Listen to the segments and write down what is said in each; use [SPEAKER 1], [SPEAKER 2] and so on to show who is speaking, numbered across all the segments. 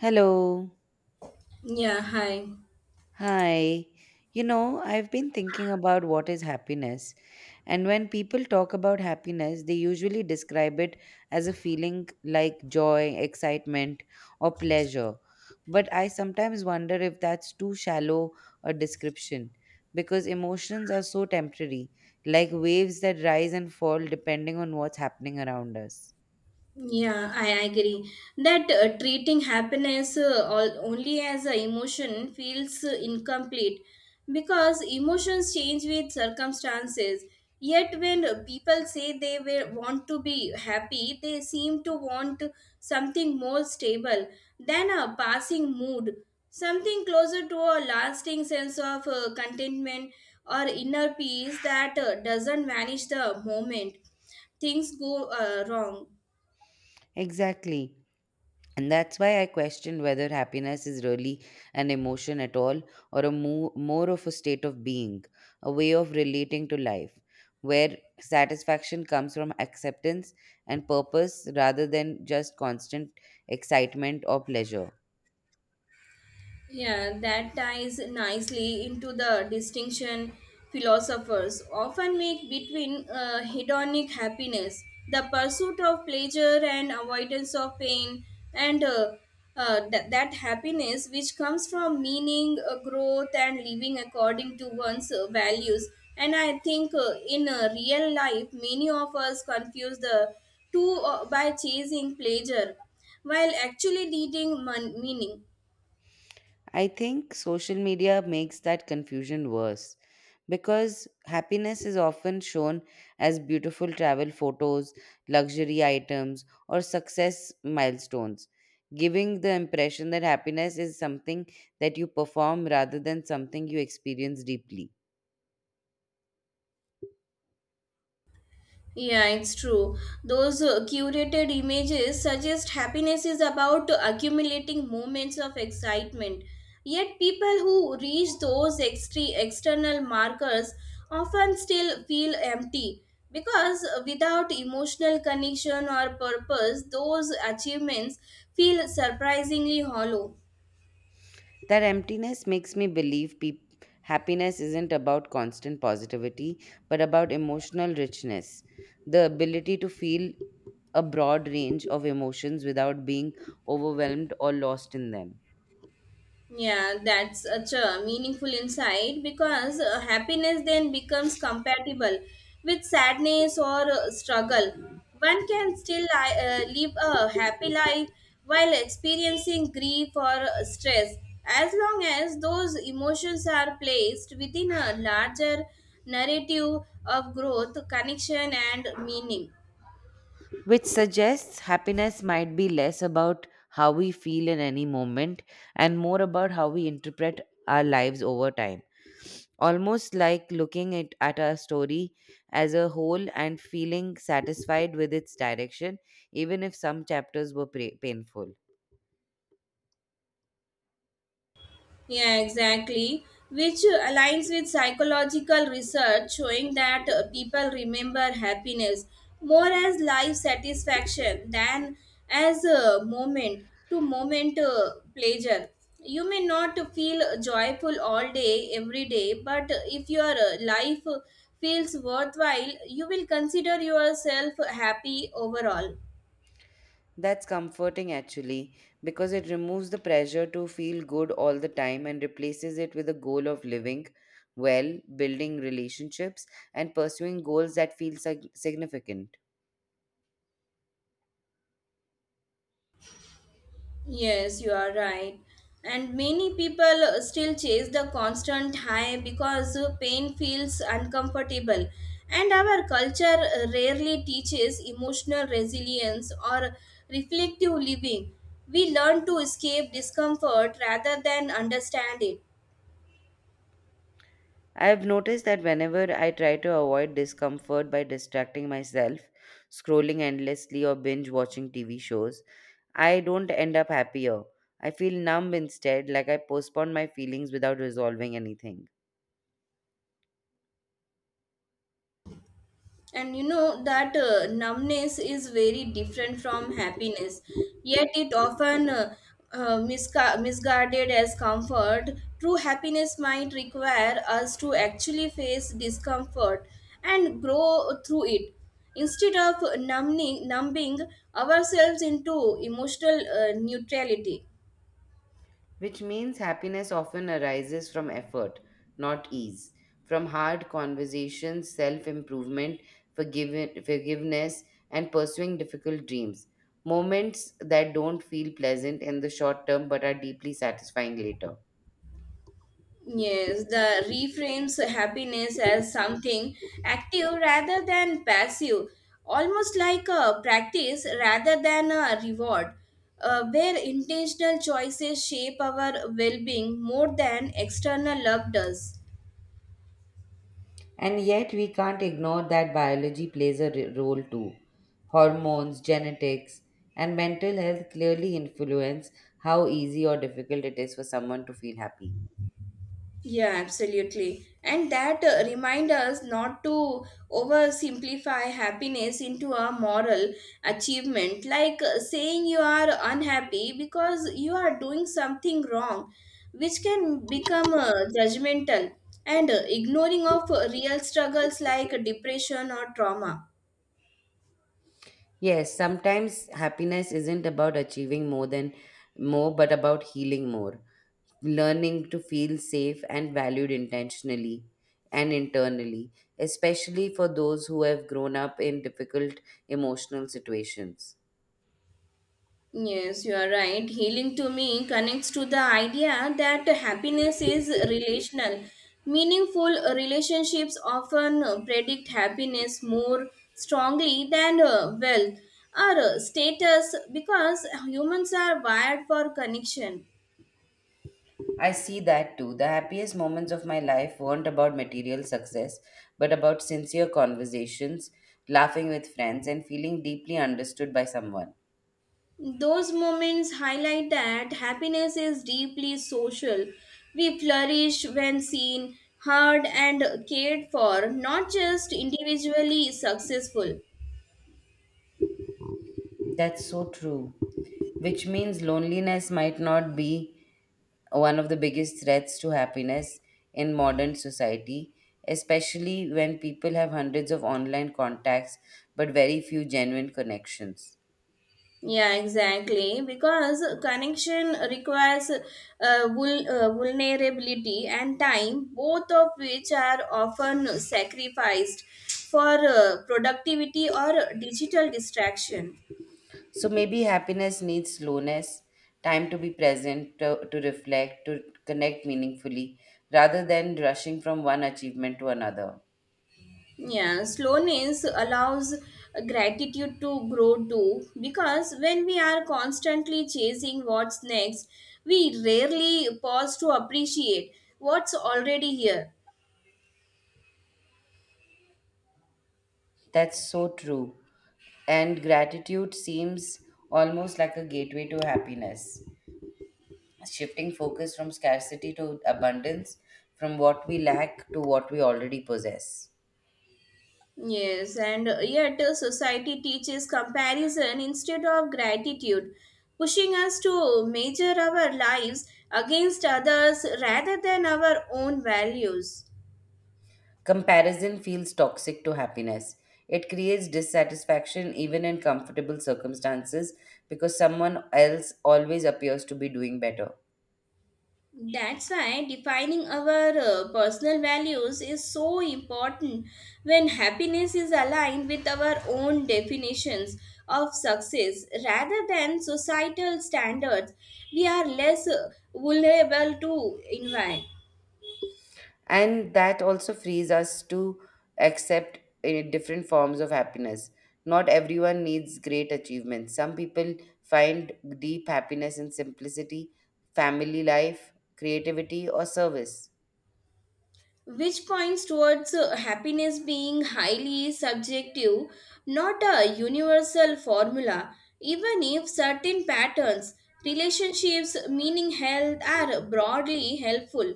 [SPEAKER 1] Hello.
[SPEAKER 2] Yeah, hi.
[SPEAKER 1] Hi. You know, I've been thinking about what is happiness. And when people talk about happiness, they usually describe it as a feeling like joy, excitement, or pleasure. But I sometimes wonder if that's too shallow a description because emotions are so temporary, like waves that rise and fall depending on what's happening around us.
[SPEAKER 2] Yeah, I agree. That treating happiness only as a emotion feels incomplete because emotions change with circumstances. Yet, when people say they will want to be happy, they seem to want something more stable than a passing mood, something closer to a lasting sense of contentment or inner peace that doesn't vanish the moment things go wrong.
[SPEAKER 1] Exactly. And that's why I question whether happiness is really an emotion at all or more of a state of being, a way of relating to life, where satisfaction comes from acceptance and purpose rather than just constant excitement or pleasure.
[SPEAKER 2] Yeah, that ties nicely into the distinction philosophers often make between hedonic happiness, the pursuit of pleasure and avoidance of pain, and that happiness which comes from meaning, growth, and living according to one's values. And I think in real life, many of us confuse the two by chasing pleasure while actually needing meaning.
[SPEAKER 1] I think social media makes that confusion worse because happiness is often shown as beautiful travel photos, luxury items, or success milestones, giving the impression that happiness is something that you perform rather than something you experience deeply.
[SPEAKER 2] Yeah, it's true. Those curated images suggest happiness is about accumulating moments of excitement. Yet, people who reach those external markers often still feel empty because without emotional connection or purpose, those achievements feel surprisingly hollow.
[SPEAKER 1] That emptiness makes me believe peop happiness isn't about constant positivity, but about emotional richness, the ability to feel a broad range of emotions without being overwhelmed or lost in them.
[SPEAKER 2] Yeah, that's such a meaningful insight because happiness then becomes compatible with sadness or struggle. One can still live a happy life while experiencing grief or stress, as long as those emotions are placed within a larger narrative of growth, connection, and meaning.
[SPEAKER 1] Which suggests happiness might be less about how we feel in any moment and more about how we interpret our lives over time. Almost like looking at our story as a whole and feeling satisfied with its direction, even if some chapters were painful.
[SPEAKER 2] Yeah, exactly. Which aligns with psychological research showing that people remember happiness more as life satisfaction than as a moment to moment pleasure. You may not feel joyful all day, every day, but if your life feels worthwhile, you will consider yourself happy overall.
[SPEAKER 1] That's comforting actually, because it removes the pressure to feel good all the time and replaces it with a goal of living well, building relationships, and pursuing goals that feel significant.
[SPEAKER 2] Yes, you are right. And many people still chase the constant high because pain feels uncomfortable. And our culture rarely teaches emotional resilience or reflective living. We learn to escape discomfort rather than understand it.
[SPEAKER 1] I've noticed that whenever I try to avoid discomfort by distracting myself, scrolling endlessly, or binge watching TV shows, I don't end up happier. I feel numb instead, like I postpone my feelings without resolving anything.
[SPEAKER 2] And you know that numbness is very different from happiness, yet it often misguided as comfort. True happiness might require us to actually face discomfort and grow through it. Instead of numbing, numbing ourselves into emotional neutrality.
[SPEAKER 1] Which means happiness often arises from effort, not ease, from hard conversations, self improvement, forgiveness, and pursuing difficult dreams. Moments that don't feel pleasant in the short term but are deeply satisfying later.
[SPEAKER 2] Yes, the reframes happiness as something active rather than passive, almost like a practice rather than a reward, where intentional choices shape our well being more than external love does.
[SPEAKER 1] And yet, we can't ignore that biology plays role too. Hormones, genetics, and mental health clearly influence how easy or difficult it is for someone to feel happy.
[SPEAKER 2] Yeah, absolutely. And that remind us not to oversimplify happiness into a moral achievement, like saying you are unhappy because you are doing something wrong, which can become judgmental and ignoring of real struggles like depression or trauma.
[SPEAKER 1] Yes, sometimes happiness isn't about achieving more, but about healing more, learning to feel safe and valued intentionally and internally, especially for those who have grown up in difficult emotional situations.
[SPEAKER 2] Yes, you are right. Healing to me connects to the idea that happiness is relational. Meaningful relationships often predict happiness more strongly than wealth or status because humans are wired for connection.
[SPEAKER 1] I see that too. The happiest moments of my life weren't about material success, but about sincere conversations, laughing with friends, and feeling deeply understood by someone.
[SPEAKER 2] Those moments highlight that happiness is deeply social. We flourish when seen, heard, and cared for, not just individually successful.
[SPEAKER 1] That's so true. Which means loneliness might not be one of the biggest threats to happiness in modern society, especially when people have hundreds of online contacts but very few genuine connections.
[SPEAKER 2] Yeah, exactly. Because connection requires vulnerability and time, both of which are often sacrificed for productivity or digital distraction.
[SPEAKER 1] So maybe happiness needs slowness, time to be present, to reflect, to connect meaningfully, rather than rushing from one achievement to another.
[SPEAKER 2] Yeah, slowness allows gratitude to grow too, because when we are constantly chasing what's next, we rarely pause to appreciate what's already here.
[SPEAKER 1] That's so true. And gratitude seems almost like a gateway to happiness, shifting focus from scarcity to abundance, from what we lack to what we already possess.
[SPEAKER 2] Yes, and yet society teaches comparison instead of gratitude, pushing us to measure our lives against others rather than our own values.
[SPEAKER 1] Comparison feels toxic to happiness. It creates dissatisfaction even in comfortable circumstances because someone else always appears to be doing better.
[SPEAKER 2] That's why defining our personal values is so important when happiness is aligned with our own definitions of success rather than societal standards. We are less vulnerable to envy.
[SPEAKER 1] And that also frees us to accept different forms of happiness, not everyone needs great achievements, some people find deep happiness in simplicity, family life, creativity, or service.
[SPEAKER 2] Which points towards happiness being highly subjective, not a universal formula, even if certain patterns, relationships, meaning, health are broadly helpful.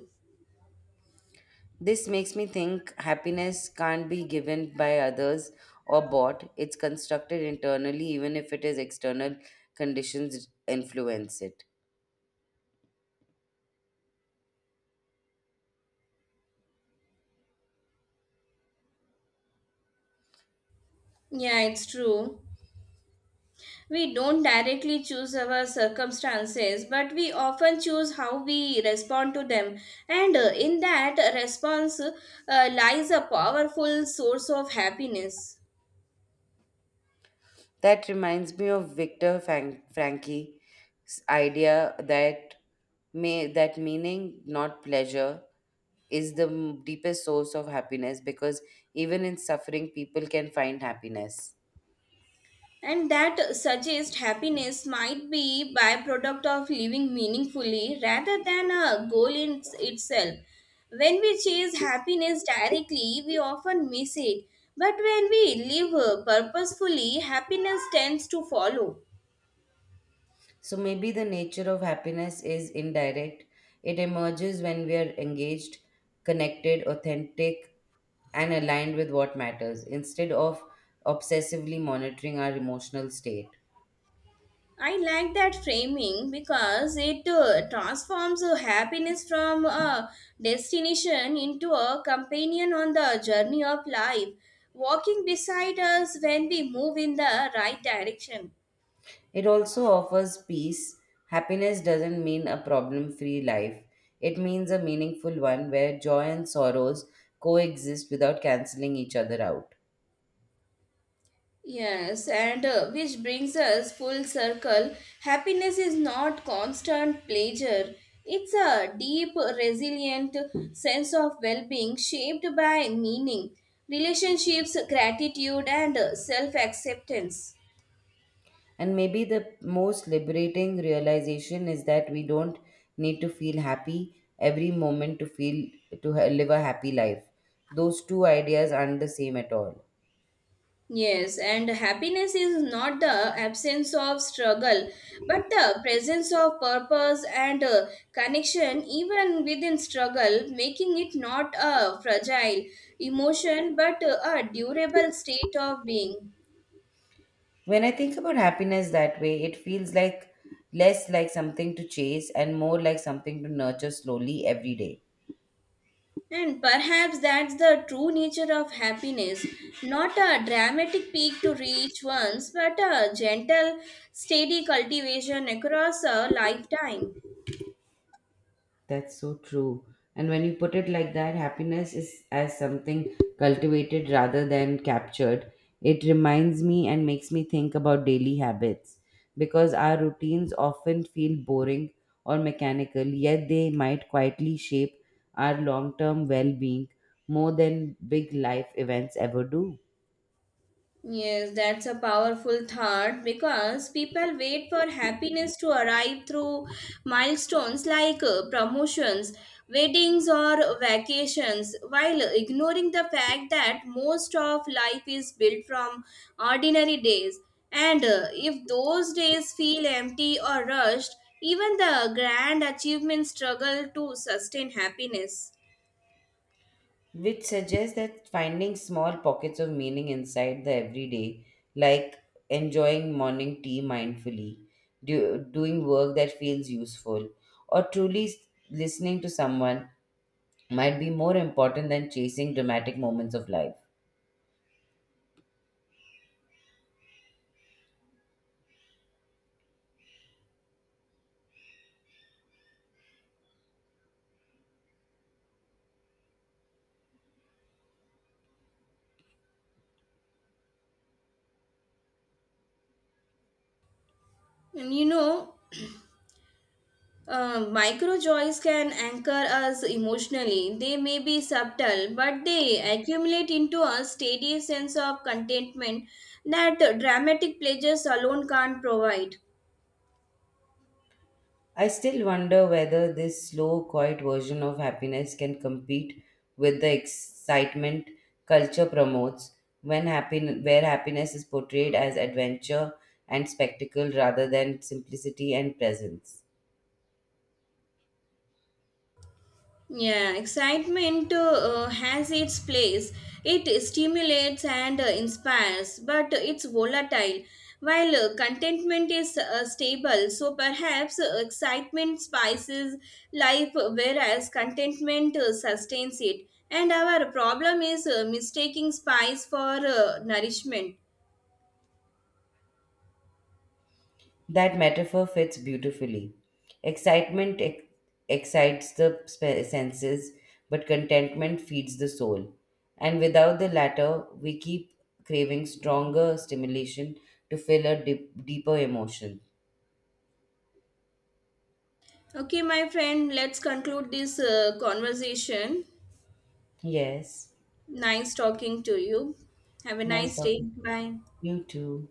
[SPEAKER 1] This makes me think happiness can't be given by others or bought, it's constructed internally even if it is external conditions influence it.
[SPEAKER 2] Yeah, it's true. We don't directly choose our circumstances, but we often choose how we respond to them. And in that response lies a powerful source of happiness.
[SPEAKER 1] That reminds me of Frankie's idea that that meaning, not pleasure, is the deepest source of happiness because even in suffering, people can find happiness.
[SPEAKER 2] And that suggests happiness might be byproduct of living meaningfully rather than a goal in itself. When we chase happiness directly we often miss it, but when we live purposefully happiness tends to follow.
[SPEAKER 1] So maybe the nature of happiness is indirect. It emerges when we are engaged, connected, authentic, and aligned with what matters instead of obsessively monitoring our emotional state.
[SPEAKER 2] I like that framing because it transforms happiness from a destination into a companion on the journey of life, walking beside us when we move in the right direction.
[SPEAKER 1] It also offers peace. Happiness doesn't mean a problem free life, it means a meaningful one where joy and sorrows coexist without canceling each other out.
[SPEAKER 2] Yes, and which brings us full circle. Happiness is not constant pleasure. It's a deep, resilient sense of well being shaped by meaning, relationships, gratitude, and self acceptance.
[SPEAKER 1] And maybe the most liberating realization is that we don't need to feel happy every moment to live a happy life. Those two ideas aren't the same at all.
[SPEAKER 2] Yes, and happiness is not the absence of struggle, but the presence of purpose and connection even within struggle, making it not a fragile emotion but a durable state of being.
[SPEAKER 1] When I think about happiness that way, it feels like less like something to chase and more like something to nurture slowly every day.
[SPEAKER 2] And perhaps that's the true nature of happiness, not a dramatic peak to reach once, but a gentle, steady cultivation across a lifetime.
[SPEAKER 1] That's so true. And when you put it like that, happiness is as something cultivated rather than captured. It reminds me and makes me think about daily habits because our routines often feel boring or mechanical, yet they might quietly shape our long term well being more than big life events ever do.
[SPEAKER 2] Yes, that's a powerful thought because people wait for happiness to arrive through milestones like promotions, weddings, or vacations, while ignoring the fact that most of life is built from ordinary days. And if those days feel empty or rushed, even the grand achievements struggle to sustain happiness.
[SPEAKER 1] Which suggests that finding small pockets of meaning inside the everyday, like enjoying morning tea mindfully, doing work that feels useful, or listening to someone, might be more important than chasing dramatic moments of life.
[SPEAKER 2] And you know, Micro joys can anchor us emotionally. They may be subtle, but they accumulate into a steady sense of contentment that dramatic pleasures alone can't provide.
[SPEAKER 1] I still wonder whether this slow, quiet version of happiness can compete with the excitement culture promotes where happiness is portrayed as adventure and spectacle rather than simplicity and presence.
[SPEAKER 2] Yeah, excitement has its place. It stimulates and inspires, but it's volatile, while contentment is stable. So perhaps excitement spices life, whereas contentment sustains it. And our problem is mistaking spice for nourishment.
[SPEAKER 1] That metaphor fits beautifully. Excitement ex- excites the senses, but contentment feeds the soul. And without the latter, we keep craving stronger stimulation to fill a deeper emotion.
[SPEAKER 2] Okay, my friend, let's conclude this conversation.
[SPEAKER 1] Yes.
[SPEAKER 2] Nice talking to you. Have a
[SPEAKER 1] Nice
[SPEAKER 2] nice day.
[SPEAKER 1] talking.
[SPEAKER 2] Bye.
[SPEAKER 1] You too.